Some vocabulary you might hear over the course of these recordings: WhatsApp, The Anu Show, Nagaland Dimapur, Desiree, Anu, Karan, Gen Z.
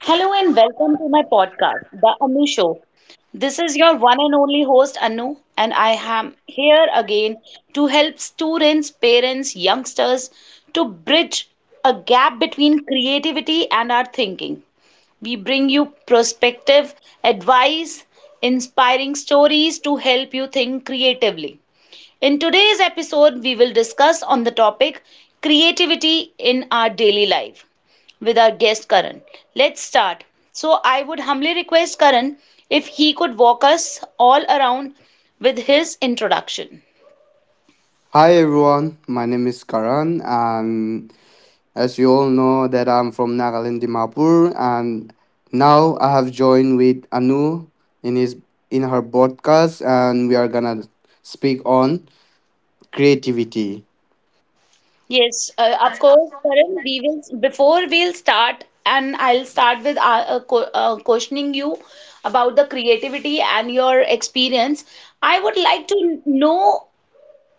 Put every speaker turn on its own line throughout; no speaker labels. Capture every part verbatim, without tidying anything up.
Hello and welcome to my podcast, The Anu Show. This is your one and only host, Anu, and I am here again to help students, parents, youngsters to bridge a gap between creativity and our thinking. We bring you perspective, advice, inspiring stories to help you think creatively. In today's episode, we will discuss on the topic creativity in our daily life with our guest Karan. Let's start. So, I would humbly request Karan if he could walk us all around with his introduction.
Hi everyone, my name is Karan and as you all know that I'm from Nagaland Dimapur and now I have joined with Anu in his in her podcast and we are gonna speak on creativity.
Yes, uh, of course, Karan. We will before we'll start, and I'll start with uh, uh, co- uh, questioning you about the creativity and your experience. I would like to know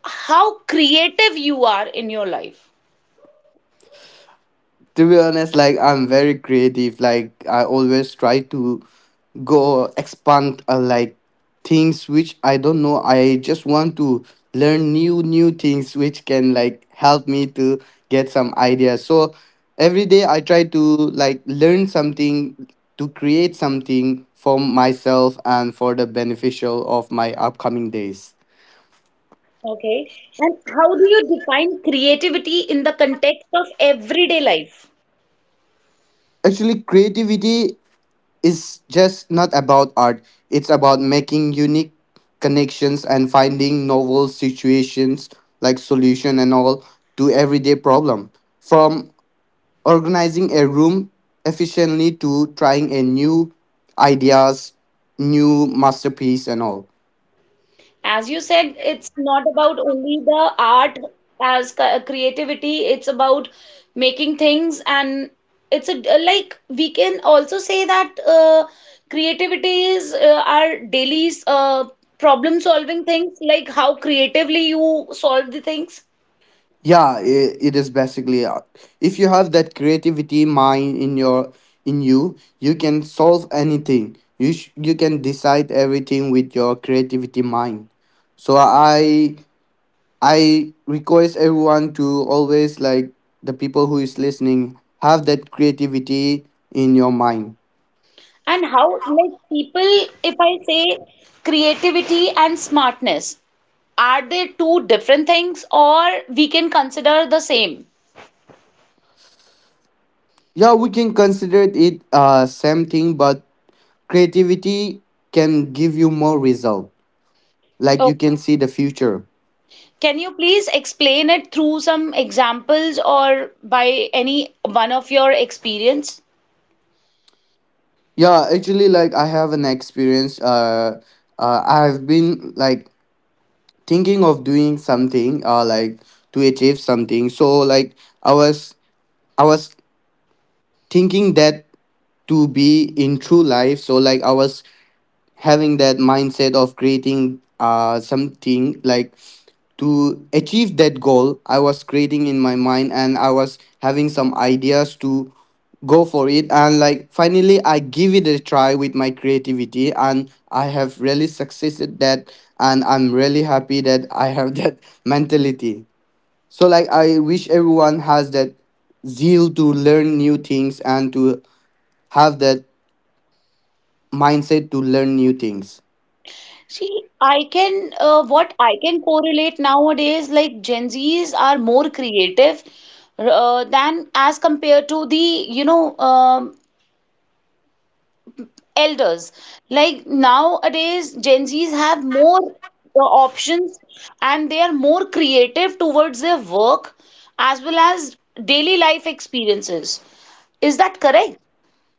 how creative you are in your life.
To be honest, like I'm very creative, like I always try to go expand uh, like things which I don't know, I just want to learn new new things which can like help me to get some ideas, so every day I try to like learn something to create something for myself and for the beneficial of my upcoming days.
Okay. And how do you define creativity in the context of everyday life?
Actually, creativity is just not about art. It's about making unique connections and finding novel situations, like solution and all, to everyday problem. From organizing a room efficiently to trying a new ideas, new masterpiece and all.
As you said, it's not about only the art as ca- creativity, it's about making things and it's a, uh, like we can also say that uh, creativity is uh, our daily's uh, problem solving things, like how creatively you solve the things.
Yeah, it, it is basically uh, if you have that creativity mind in your in you, you can solve anything, you sh- you can decide everything with your creativity mind. So i i request everyone to always, like, the people who is listening have that creativity in your mind.
And how like people, if I say, creativity and smartness. Are they two different things or we can consider the same?
Yeah, we can consider it uh same thing, but creativity can give you more result, like you
Okay.
can see the future.
Can you please explain it through some examples or by any one of your experience?
Yeah, actually, like I have an experience. Uh, uh, I've been like thinking of doing something. Uh, like to achieve something. So like I was, I was thinking that to be in true life, so like I was having that mindset of creating uh something like to achieve that goal, I was creating in my mind and I was having some ideas to go for it, and like finally I give it a try with my creativity and I have really succeeded that, and I'm really happy that I have that mentality. So like I wish everyone has that zeal to learn new things and to have that mindset to learn new things.
See, I can, uh, what I can correlate nowadays, like Gen Zs are more creative uh, than as compared to the, you know, um elders. Like nowadays, Gen Zs have more uh, options and they are more creative towards their work as well as daily life experiences. Is that correct?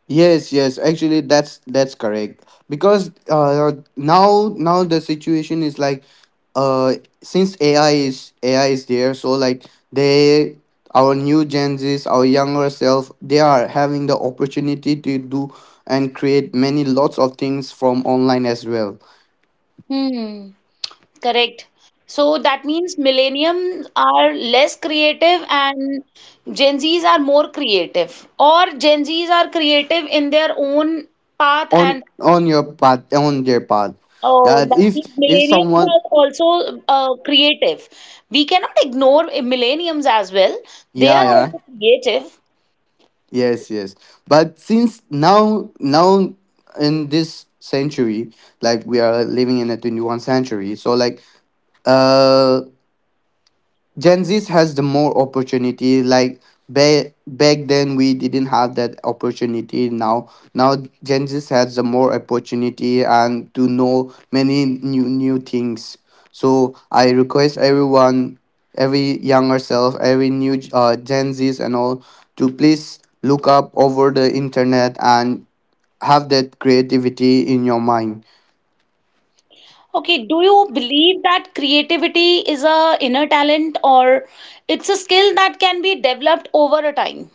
Yes, yes, actually that's that's correct. Because uh now now the situation is like, uh since A I is, A I is there, so like they, our new Gen Zs, our younger self, they are having the opportunity to do and create many lots of things from online as well.
Hmm, correct. So that means millenniums are less creative and Gen Zs are more creative, or Gen Zs are creative in their own path
On
and.
on your path on their path. Yeah,
Oh, that
if
means
if
millennials
someone.
are also uh, creative. We cannot ignore millennials as well. They
Yeah,
are
yeah.
also creative.
Yes, yes. But since now now, in this century, like we are living in a twenty-first century, so like uh Gen Z has the more opportunity. Like ba- back then, we didn't have that opportunity. Now, now, Gen Z has the more opportunity and to know many new new things. So I request everyone, every younger self, every new uh, Gen Zs and all, to please look up over the internet and have that creativity in your mind.
Okay, do you believe that creativity is a inner talent or it's a skill that can be developed over a time?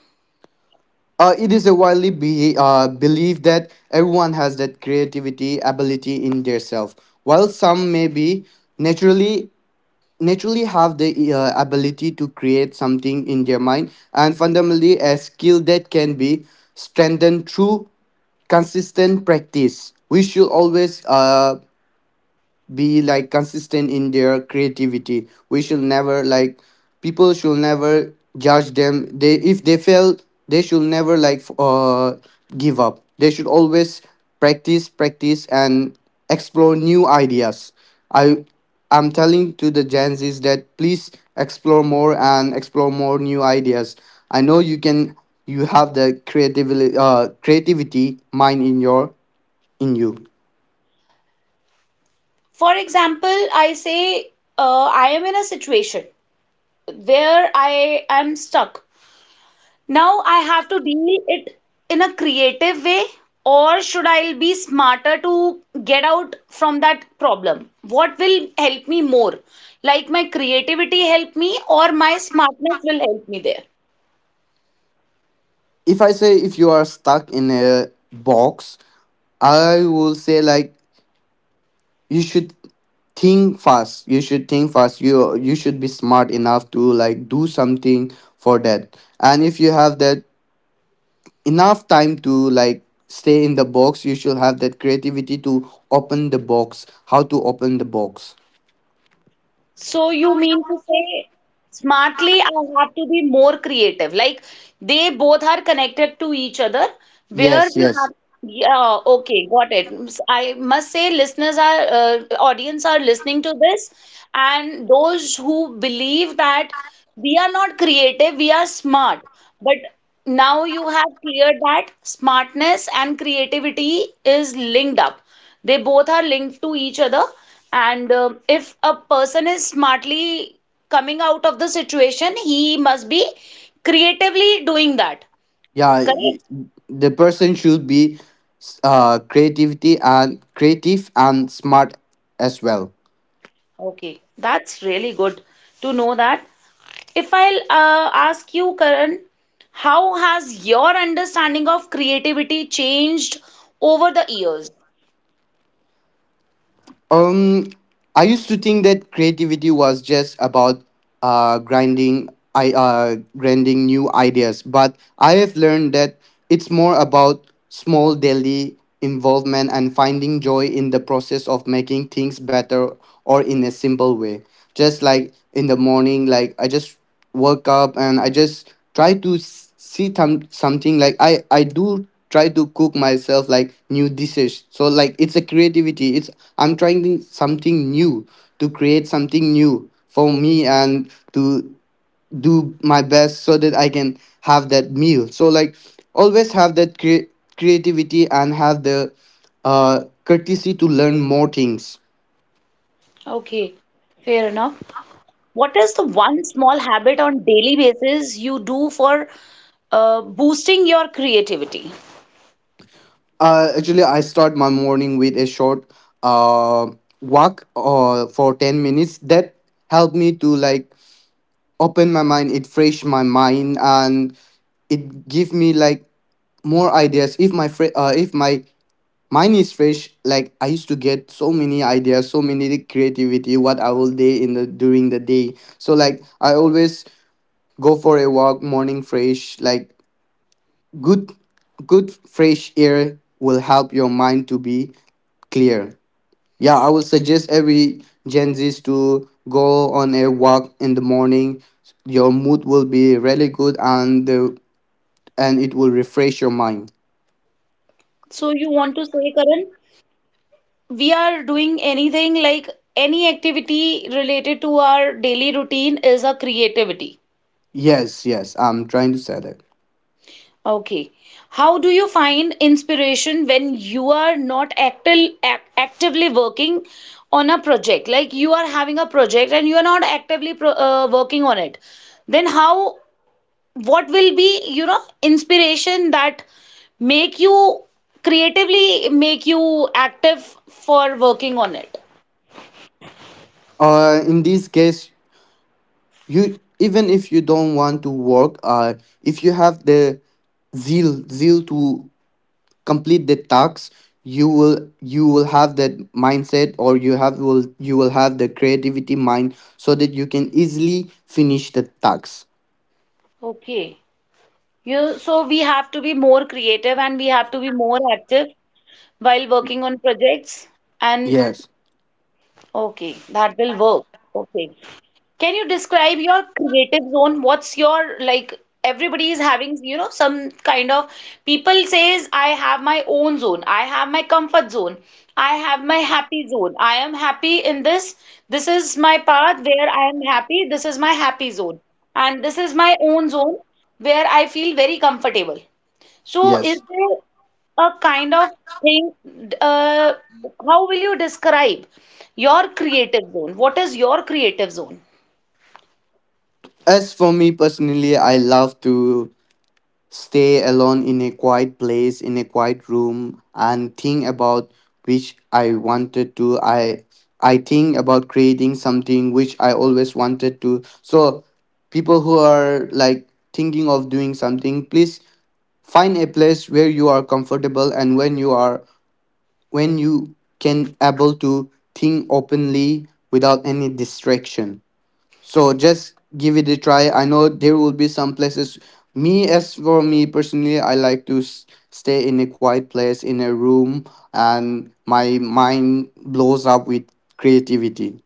Uh, it is a widely be, uh, believed that everyone has that creativity ability in their self. While some may be naturally naturally have the uh, ability to create something in their mind, and fundamentally a skill that can be strengthened through consistent practice. We should always uh, be like consistent in their creativity. We should never like, people should never judge them. They, if they fail, they should never like f- uh give up. They should always practice practice and explore new ideas. i I'm telling to the Gen Z's that please explore more and explore more new ideas. I know you can, you have the creativity, uh creativity mind in your in you.
For example, I say uh, I am in a situation where I am stuck. Now I have to deal it in a creative way, or should I be smarter to get out from that problem? What will help me more? Like, my creativity help me or my smartness will help me there?
If I say if you are stuck in a box, I will say like you should think fast. You should think fast. You you should be smart enough to like do something for that. And if you have that enough time to like stay in the box, you should have that creativity to open the box. How to open the box?
So you mean to say, smartly I have to be more creative. Like they both are connected to each other. Where
Yes,
we have,
yes,
yeah, okay, got it. I must say, listeners are, uh, audience are listening to this, and those who believe that we are not creative, we are smart. But now you have cleared that smartness and creativity is linked up. They both are linked to each other. And uh, if a person is smartly coming out of the situation, he must be creatively doing that.
yeah. y-
Correct?
The person should be uh creativity and creative and smart as well.
Okay, that's really good to know that. If I'll uh, ask you, Karan, how has your understanding of creativity changed over the years?
Um, I used to think that creativity was just about uh, grinding, I uh, grinding new ideas, but I have learned that it's more about small daily involvement and finding joy in the process of making things better or in a simple way. Just like in the morning, like I just work up and I just try to s- see some something, like i i do try to cook myself like new dishes, so like it's a creativity. It's, I'm trying to- something new, to create something new for me and to do my best so that I can have that meal. So like always have that cre- creativity and have the uh courtesy to learn more things.
Okay, fair enough. What is the one small habit on daily basis you do for uh, boosting your creativity?
Uh, actually, I start my morning with a short uh, walk uh, for ten minutes. That helped me to like open my mind, it fresh my mind, and it give me like more ideas. If my fre- uh, if my mind is fresh, like I used to get so many ideas, so many creativity, what I will do in the during the day. So like I always go for a walk, morning fresh, like good good fresh air will help your mind to be clear. Yeah, I would suggest every Gen Z's to go on a walk in the morning. Your mood will be really good, and the, and it will refresh your mind.
So you want to say, Karan? We are doing anything like any activity related to our daily routine is a creativity.
Yes, yes, I'm trying to say that.
Okay. How do you find inspiration when you are not acti- ac- actively working on a project? Like you are having a project and you are not actively pro- uh, working on it. Then how, what will be, you know, inspiration that make you creatively make you active for working on it?
Uh, in this case, you even if you don't want to work, uh, if you have the zeal, zeal to complete the tasks, you will you will have that mindset, or you have will you will have the creativity mind so that you can easily finish the tasks.
Okay. You, so we have to be more creative and we have to be more active while working on projects. And
Yes,
okay, that will work. Okay. Can you describe your creative zone? What's your, like, everybody is having, you know, some kind of, people says I have my own zone. I have my comfort zone. I have my happy zone. I am happy in this. This is my path where I am happy. This is my happy zone. And this is my own zone where I feel very comfortable. So, is
yes.
there a kind of thing? Uh, how will you describe your creative zone? What is your creative zone?
As for me personally, I love to stay alone in a quiet place, in a quiet room, and think about which I wanted to. i I think about creating something which I always wanted to. So people who are like thinking of doing something, please find a place where you are comfortable, and when you are when you can able to think openly without any distraction. So just give it a try. I know there will be some places. Me As for me personally, I like to s- stay in a quiet place in a room, and my mind blows up with creativity.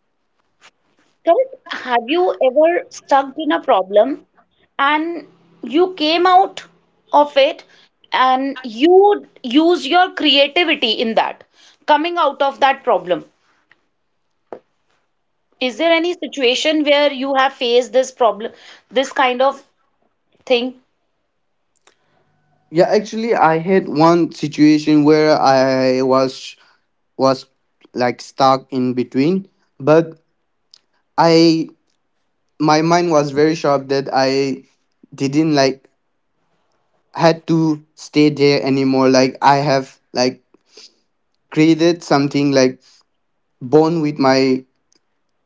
Correct. Have you ever stuck in a problem and you came out of it and you use your creativity in that, coming out of that problem? Is there any situation where you have faced this problem, this kind of thing?
Yeah, actually, I had one situation where I was was like stuck in between, but I my mind was very sharp that I didn't like had to stay there anymore. Like I have like created something, like bond with my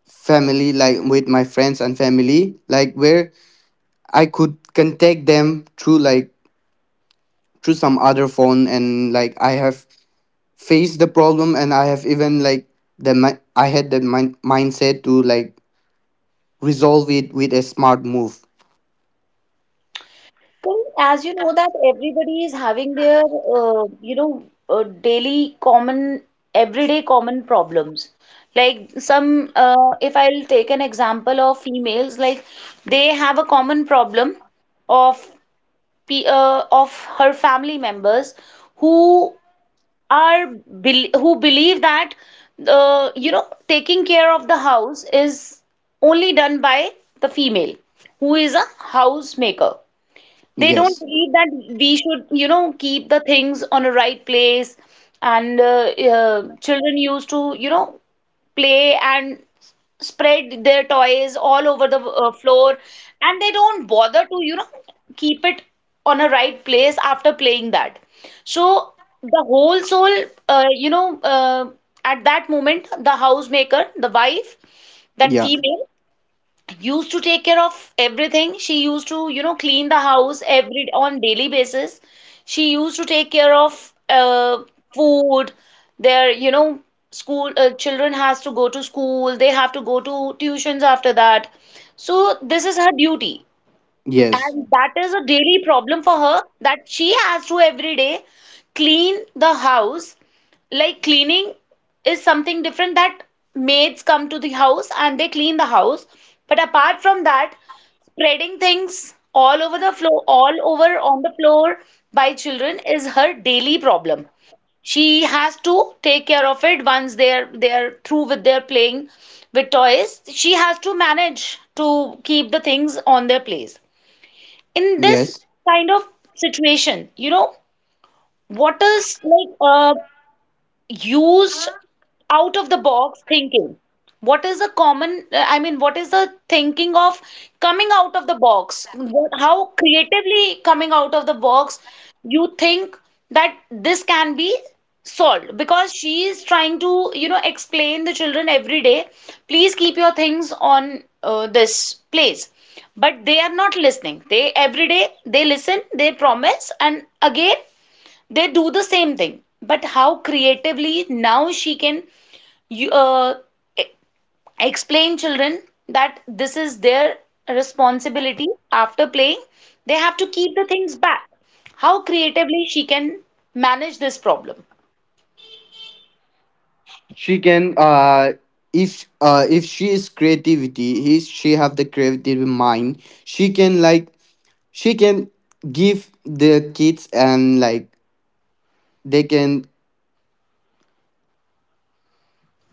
family, like with my friends and family, like where I could contact them through like through some other phone, and like I have faced the problem and I have even like the mi- I had the min- mindset to like resolve it with a smart move.
Well, as you know that everybody is having their, uh, you know, uh, daily common, everyday common problems. Like some, uh, if I'll take an example of females, like they have a common problem of pe uh, of her family members who are bel who believe that, uh, you know, taking care of the house is only done by the female, who is a housemaker. They don't
Yes.
believe that we should, you know, keep the things on a right place. And uh, uh, children used to, you know, play and spread their toys all over the uh, floor. And they don't bother to, you know, keep it on a right place after playing that. So the whole soul, uh, you know, uh, at that moment, the housemaker, the wife, that
Yeah.
female, used to take care of everything. She used to, you know, clean the house every on daily basis. She used to take care of uh, food. Their, you know, school uh, children has to go to school. They have to go to tuitions after that. So this is her duty.
Yes.
And that is a daily problem for her that she has to every day clean the house. Like cleaning is something different, that maids come to the house and they clean the house. But apart from that, spreading things all over the floor, all over on the floor by children is her daily problem. She has to take care of it once they're they're through with their playing with toys. She has to manage to keep the things on their place in this
Yes.
kind of situation. You know what is like, uh, used out of the box thinking. What is a common, uh, I mean, what is the thinking of coming out of the box? What, how creatively coming out of the box you think that this can be solved? Because she is trying to, you know, explain the children every day, please keep your things on uh, this place. But they are not listening. They every day they listen, they promise, and again they do the same thing. But how creatively now she can you, uh, e- explain children that this is their responsibility? After playing, they have to keep the things back. How creatively she can manage this problem?
She can uh, if uh if she is creativity, he she have the creative mind, she can like she can give the kids and like they can.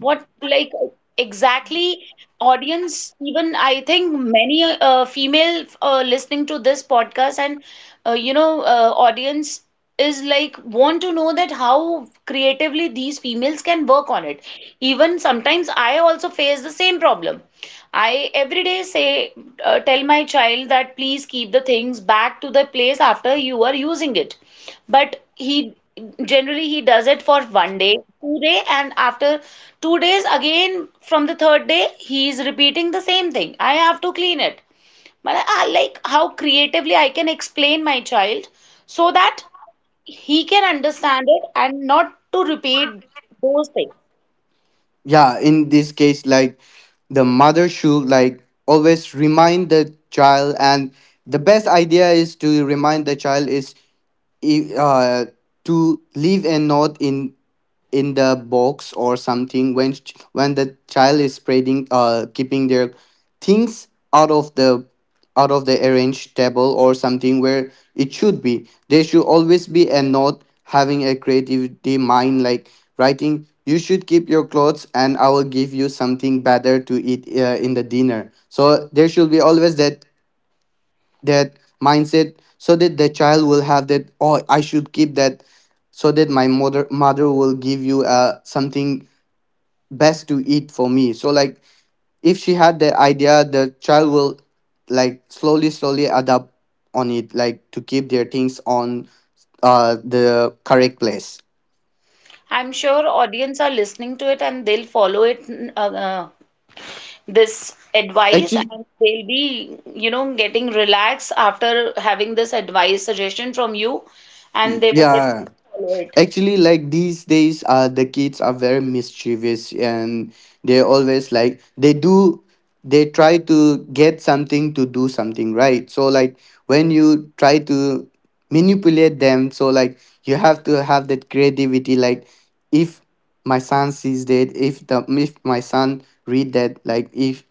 What, like, exactly, audience, even I think many uh, female uh, listening to this podcast and, uh, you know, uh, audience is like want to know that how creatively these females can work on it. Even sometimes I also face the same problem. I every day say, uh, tell my child that please keep the things back to the place after you are using it. But he generally he does it for one day two day and after two days again from the third day, he's repeating the same thing. I have to clean it, but i I like how creatively I can explain my child so that he can understand it and not to repeat those things.
Yeah, in this case, like the mother should like always remind the child, and the best idea is to remind the child is i- uh to live and not in, in the box or something. When ch- when the child is spreading, uh, keeping their things out of the, out of the arranged table or something where it should be, there should always be a note, having a creativity mind, like writing, you should keep your clothes and I will give you something better to eat uh, in the dinner. So there should be always that, that mindset so that the child will have that, oh, I should keep that, so that my mother mother will give you uh, something best to eat for me. So like if she had that idea, the child will like slowly slowly adapt on it, like to keep their things on uh the correct place.
I'm sure audience are listening to it and they'll follow it, uh, uh, this advice,
Actually,
and they'll be, you know, getting relaxed after having this advice suggestion from you, and
y-
they will definitely
yeah.
follow it.
Actually, like these days, uh, the kids are very mischievous, and they're always like, they do, they try to get something, to do something, right? So like when you try to manipulate them, so like you have to have that creativity. Like if my son sees that, if the, if my son read that, like if,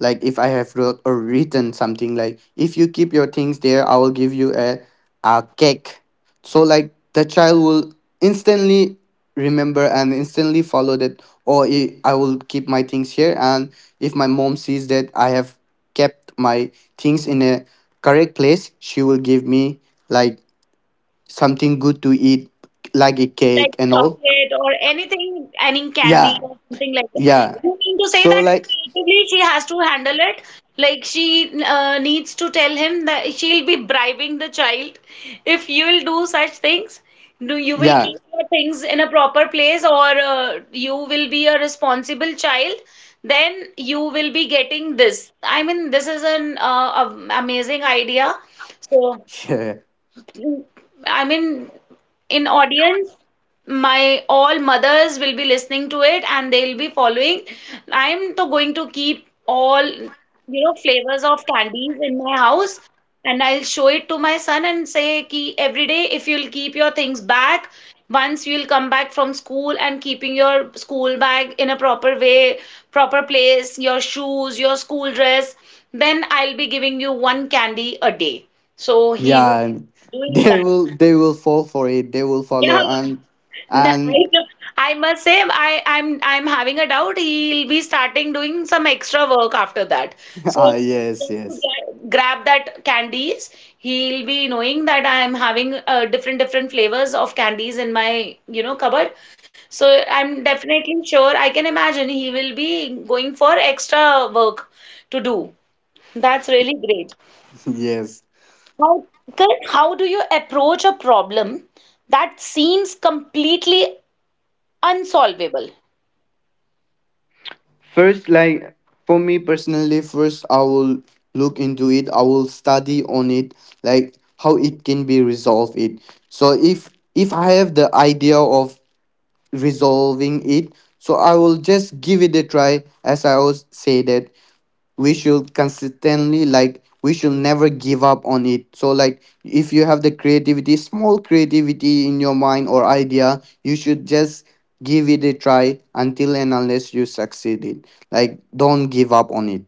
like if I have wrote or written something, like if you keep your things there I will give you a a cake, so like the child will instantly remember and instantly follow that, oh, i I will keep my things here, and if my mom sees that I have kept my things in a correct place, she will give me like something good to eat, like a
Like
cake and all.
chocolate or anything, any candy
Yeah,
or something like that.
yeah.
You mean to say
So
that
like,
creatively she has to handle it? Like she uh, needs to tell him that she'll be bribing the child. If you will do such things, do you will
yeah.
keep your things in a proper place, or uh, you will be a responsible child? Then you will be getting this. I mean, this is an uh, am- amazing idea. So.
Yeah,
I mean, in audience, my all mothers will be listening to it and they'll be following. I'm to going to keep all, you know, flavors of candies in my house, and I'll show it to my son and say ki every day if you'll keep your things back, once you'll come back from school and keeping your school bag in a proper way, proper place, your shoes, your school dress, then I'll be giving you one candy a day. So he
yeah,
will
and,
doing
they
that.
will they will fall for it they will
Yeah.
follow and
No, I
and.
I must say, I, I'm I'm having a doubt. He'll be starting doing some extra work after that. So
Ah, yes,
just to
yes.
get, grab that candies, he'll be knowing that I'm having uh, different different flavors of candies in my you know cupboard. So I'm definitely sure. I can imagine he will be going for extra work to do. That's really great.
Yes.
How, Correct. How do you approach a problem that seems completely unsolvable?
First, like for me personally, first I will look into it. I will study on it, like how it can be resolved. It so if if I have the idea of resolving it, so I will just give it a try. As I always say, that we should consistently, like, we should never give up on it. So, like, if you have the creativity, small creativity in your mind or idea, you should just give it a try until and unless you succeed it. Like, don't give up on it.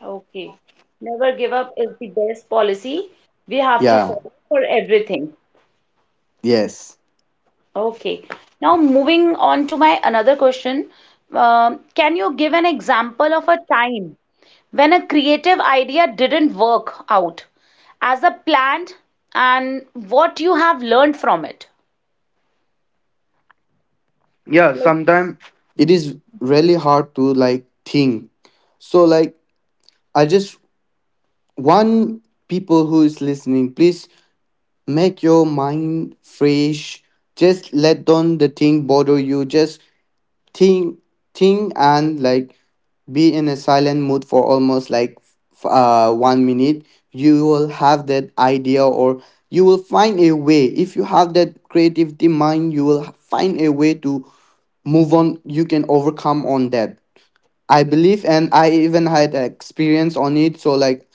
Okay. Never give up is the best policy. We have to
Yeah.
follow for everything.
Yes.
Okay. Now, moving on to my another question. Um, can you give an example of a time when a creative idea didn't work out as a planned and what you have learned from it?
Yeah, sometimes it is really hard to, like, think. So like i just want people who is listening, please, make your mind fresh. Just let down the thing bother you. Just think, think, and, like, be in a silent mood for almost like f- uh one minute. You will have that idea, or you will find a way. If you have that creativity mind, you will find a way to move on. You can overcome on that. I believe, and I even had experience on it. So, like,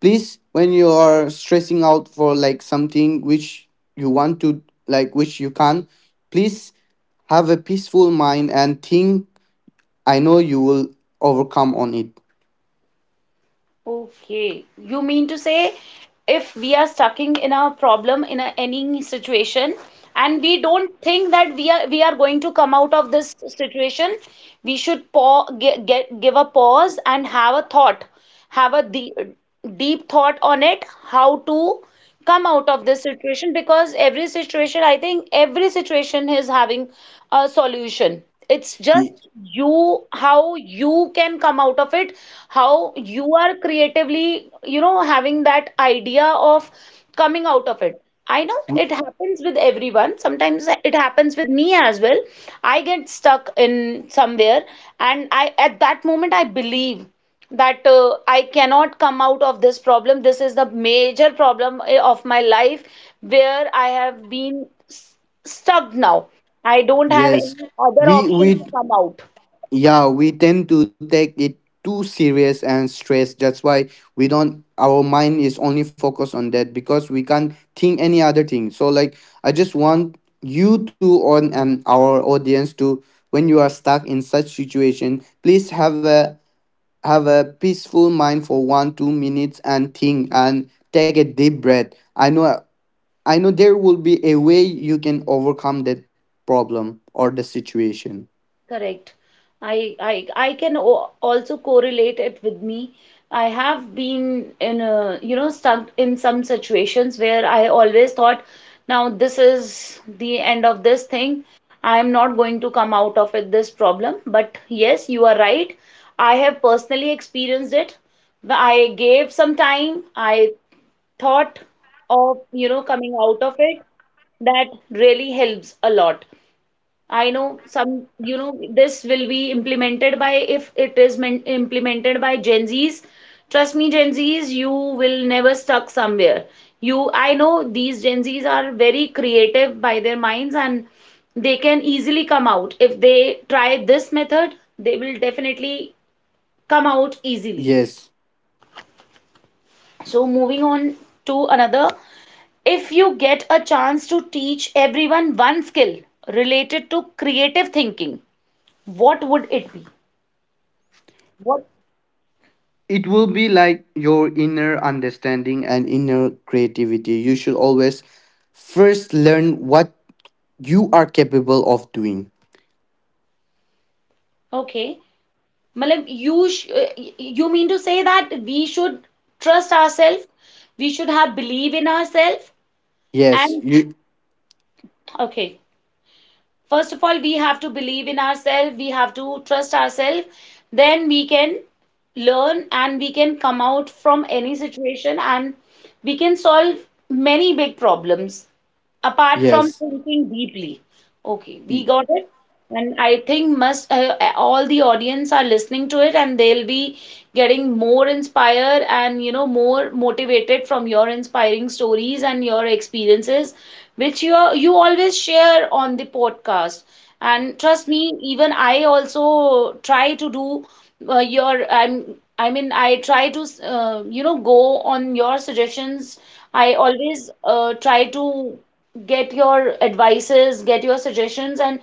please, when you are stressing out for like something which you want to, like, which you can, please have a peaceful mind and think. I know you will overcome on it.
Okay, you mean to say if we are stuck in a problem in a, any situation and we don't think that we are we are going to come out of this situation, we should pa get, get give a pause and have a thought, have a de deep thought on it, how to come out of this situation, because every situation I think every situation is having a solution. It's
Ye-
just you, how you can come out of it, how you are creatively, you know, having that idea of coming out of it. I know it happens with everyone, sometimes it happens with me as well. I get stuck in somewhere, and I at that moment I believe that uh, I cannot come out of this problem. This is the major problem eh, of my life where I have been s- stuck now. I don't have
yes.
any other
we
option to
we
come out.
yeah, we tend to take it too serious and stress. That's why we don't, our mind is only focused on that because we can't think any other thing. So, like, I just want you to on and our audience to, when you are stuck in such situation, please have a have a peaceful mind for one two minutes and think and take a deep breath. I know, I know there will be a way you can overcome that problem or the situation.
Correct. I I I can o- also correlate it with me. I have been in a, you know, stuck in some situations where I always thought, now this is the end of this thing. I am not going to come out of it, this problem. But yes, you are right. I have personally experienced it. I gave some time. I thought of, you know, coming out of it. That really helps a lot. I know some, you know, this will be implemented by, if it is men- implemented by Gen Zs, trust me, Gen Zs, you will never stuck somewhere. You, I know these Gen Zs are very creative by their minds, and they can easily come out. If they try this method, they will definitely come out easily.
Yes,
So, moving on to another. If you get a chance to teach everyone one skill related to creative thinking, what would it be? What?
it will be like your inner understanding and inner creativity. You should always first learn what you are capable of doing.
Okay. Matlab, you sh uh, y- you mean to say that we should trust ourselves, we should have belief in ourselves,
Yes,
and
you.
okay. First of all, we have to believe in ourselves, we have to trust ourselves, then we can learn and we can come out from any situation, and we can solve many big problems, apart from
Yes.
thinking deeply. Okay, we
y-
got it. And I think must uh, uh, all the audience are listening to it, and they'll be getting more inspired and, you know, more motivated from your inspiring stories and your experiences, which you are, you always share on the podcast. And trust me, even I also try to do uh, your I'm I mean I try to uh, you know, go on your suggestions. I always uh, try to get your advices, get your suggestions, and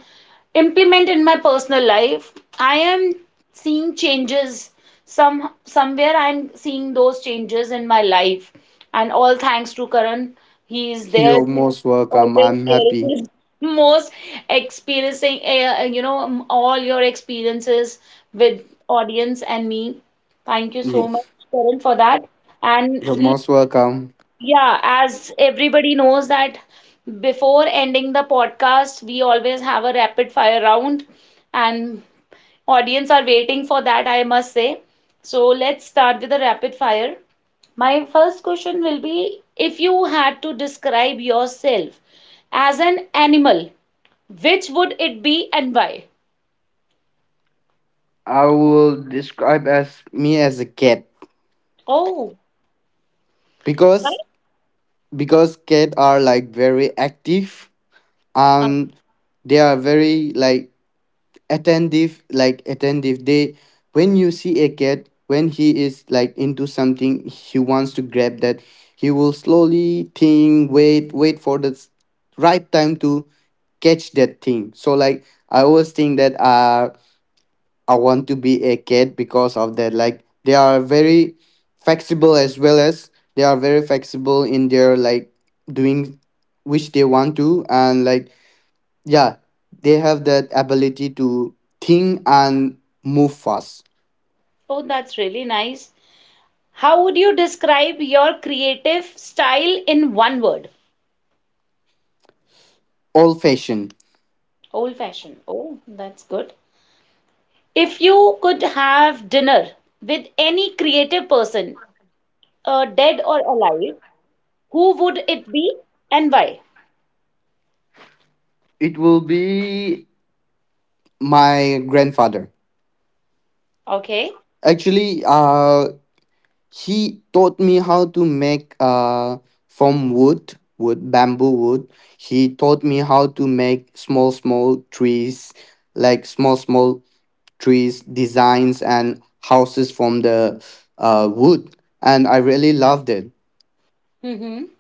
implement in my personal life. I am seeing changes some somewhere. I'm seeing those changes in my life, and all thanks to Karan. He is there
you're
to
most welcome.
always
I'm happy.
sharing his most experiencing, uh, you know, um, all your experiences with audience and me. Thank you so
Y-
much, Karan, for that.
you're
And
most welcome.
yeah, as everybody knows that before ending the podcast, we always have a rapid fire round, and audience are waiting for that, I must say. So let's start with the rapid fire. My first question will be if you had to describe yourself as an animal, which would it be and why?
I will describe as me as a cat.
Oh,
because
right.
because cat are like very active,
Uh,
and they are very like attentive, like attentive. They, when you see a cat, when he is like into something, he wants to grab that. He will slowly think, wait, wait for the s- right time to catch that thing. So, like, I always think that uh I want to be a cat because of that. Like, they are very flexible, as well as they are very flexible in their like doing which they want to, and like, yeah, they have that ability to think and move fast.
Oh, that's really nice. How would you describe your creative style in one word?
Old fashioned.
Old fashioned. Oh, that's good. If you could have dinner with any creative person, uh, dead or alive, who would it be and why?
It will be my grandfather.
Okay.
Actually, uh, he taught me how to make uh from wood, wood, bamboo wood. He taught me how to make small, small trees, like small, small trees, designs, and houses from the uh, wood. And I really loved it.
Mm-hmm.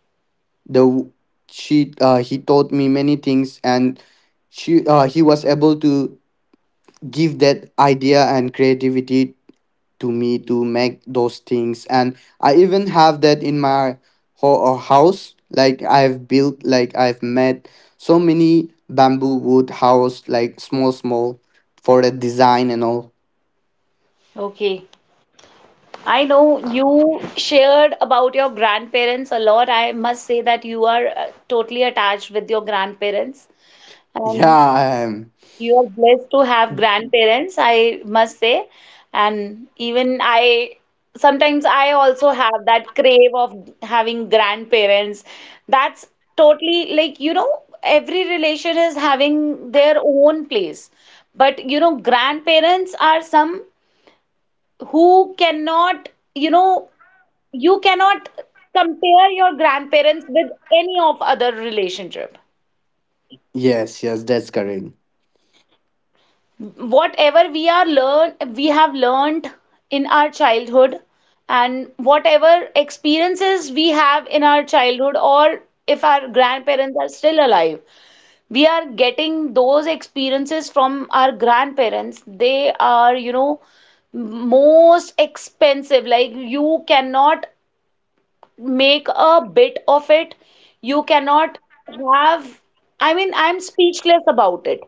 The she uh, he taught me many things, and she uh, he was able to give that idea and creativity to me to make those things. And I even have that in my ho- uh, house. Like, I've built like I've made so many bamboo wood house, like small, small for the design and all.
Okay. I know you shared about your grandparents a lot. I must say that you are uh, totally attached with your grandparents. And
yeah. Um,
you are blessed to have grandparents, I must say. And even I, sometimes I also have that crave of having grandparents. That's totally, like, you know, every relation is having their own place. But, you know, grandparents are some who cannot, you know, you cannot compare your grandparents with any of other relationship.
yes, yes, that's correct.
Whatever we are learn we have learned in our childhood, and whatever experiences we have in our childhood, or if our grandparents are still alive, we are getting those experiences from our grandparents. They are, you know, most expensive. Like, you cannot make a bit of it. You cannot have, I mean, I'm speechless about it.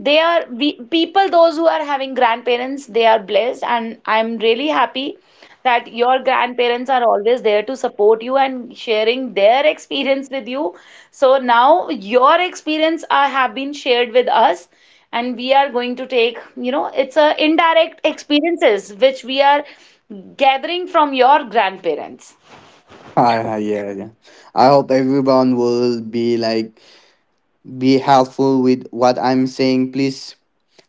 They are we, people, those who are having grandparents, they are blessed, and I'm really happy that your grandparents are always there to support you and sharing their experience with you. So now your experience are, have been shared with us, and we are going to take, you know, it's a indirect experiences which we are gathering from your grandparents.
yeah, yeah, I hope everyone will be like, be helpful with what I'm saying. Please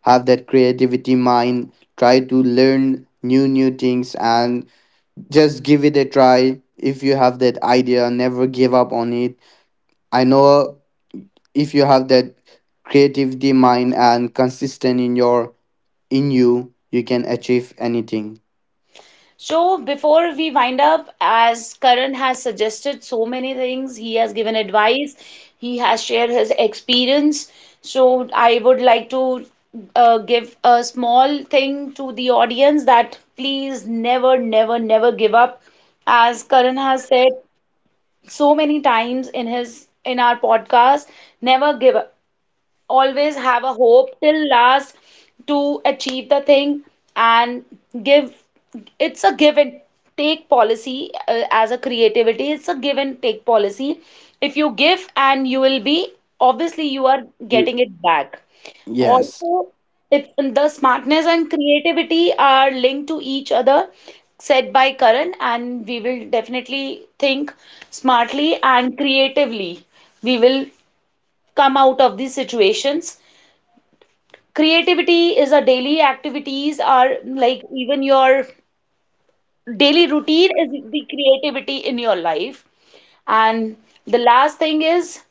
have that creativity mind. Try to learn new new things and just give it a try. If you have that idea, never give up on it. I know if you have that creativity mind and consistent in your, in you, you can achieve anything.
So, before we wind up, as Karan has suggested so many things, he has given advice, he has shared his experience. So, I would like to uh, give a small thing to the audience that please never, never, never give up. As Karan has said so many times in his in our podcast, never give up, always have a hope till last to achieve the thing, and give, it's a give and take policy, uh, as a creativity, it's a give and take policy. If you give, and you will be, obviously you are getting
Mm.
it back
Yes.
also. It's the smartness and creativity are linked to each other, said by Karan, and we will definitely think smartly and creatively. We will come out of these situations. Creativity is a daily activities, are like even your daily routine is the creativity in your life. And the last thing is,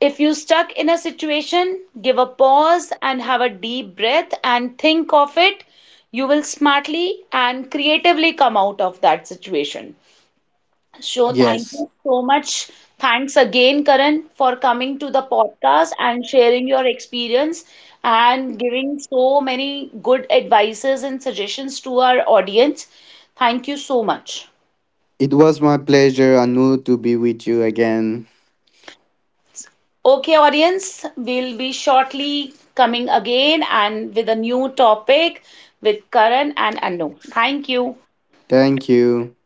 if you stuck in a situation, give a pause and have a deep breath and think of it. You will smartly and creatively come out of that situation. So, thank
Yes.
you so much. Thanks again, Karan, for coming to the podcast and sharing your experience and giving so many good advices and suggestions to our audience. Thank you so much.
It was my pleasure, Anu, to be with you again.
Okay, audience, we'll be shortly coming again and with a new topic with Karan and Anu. Thank you.
Thank you.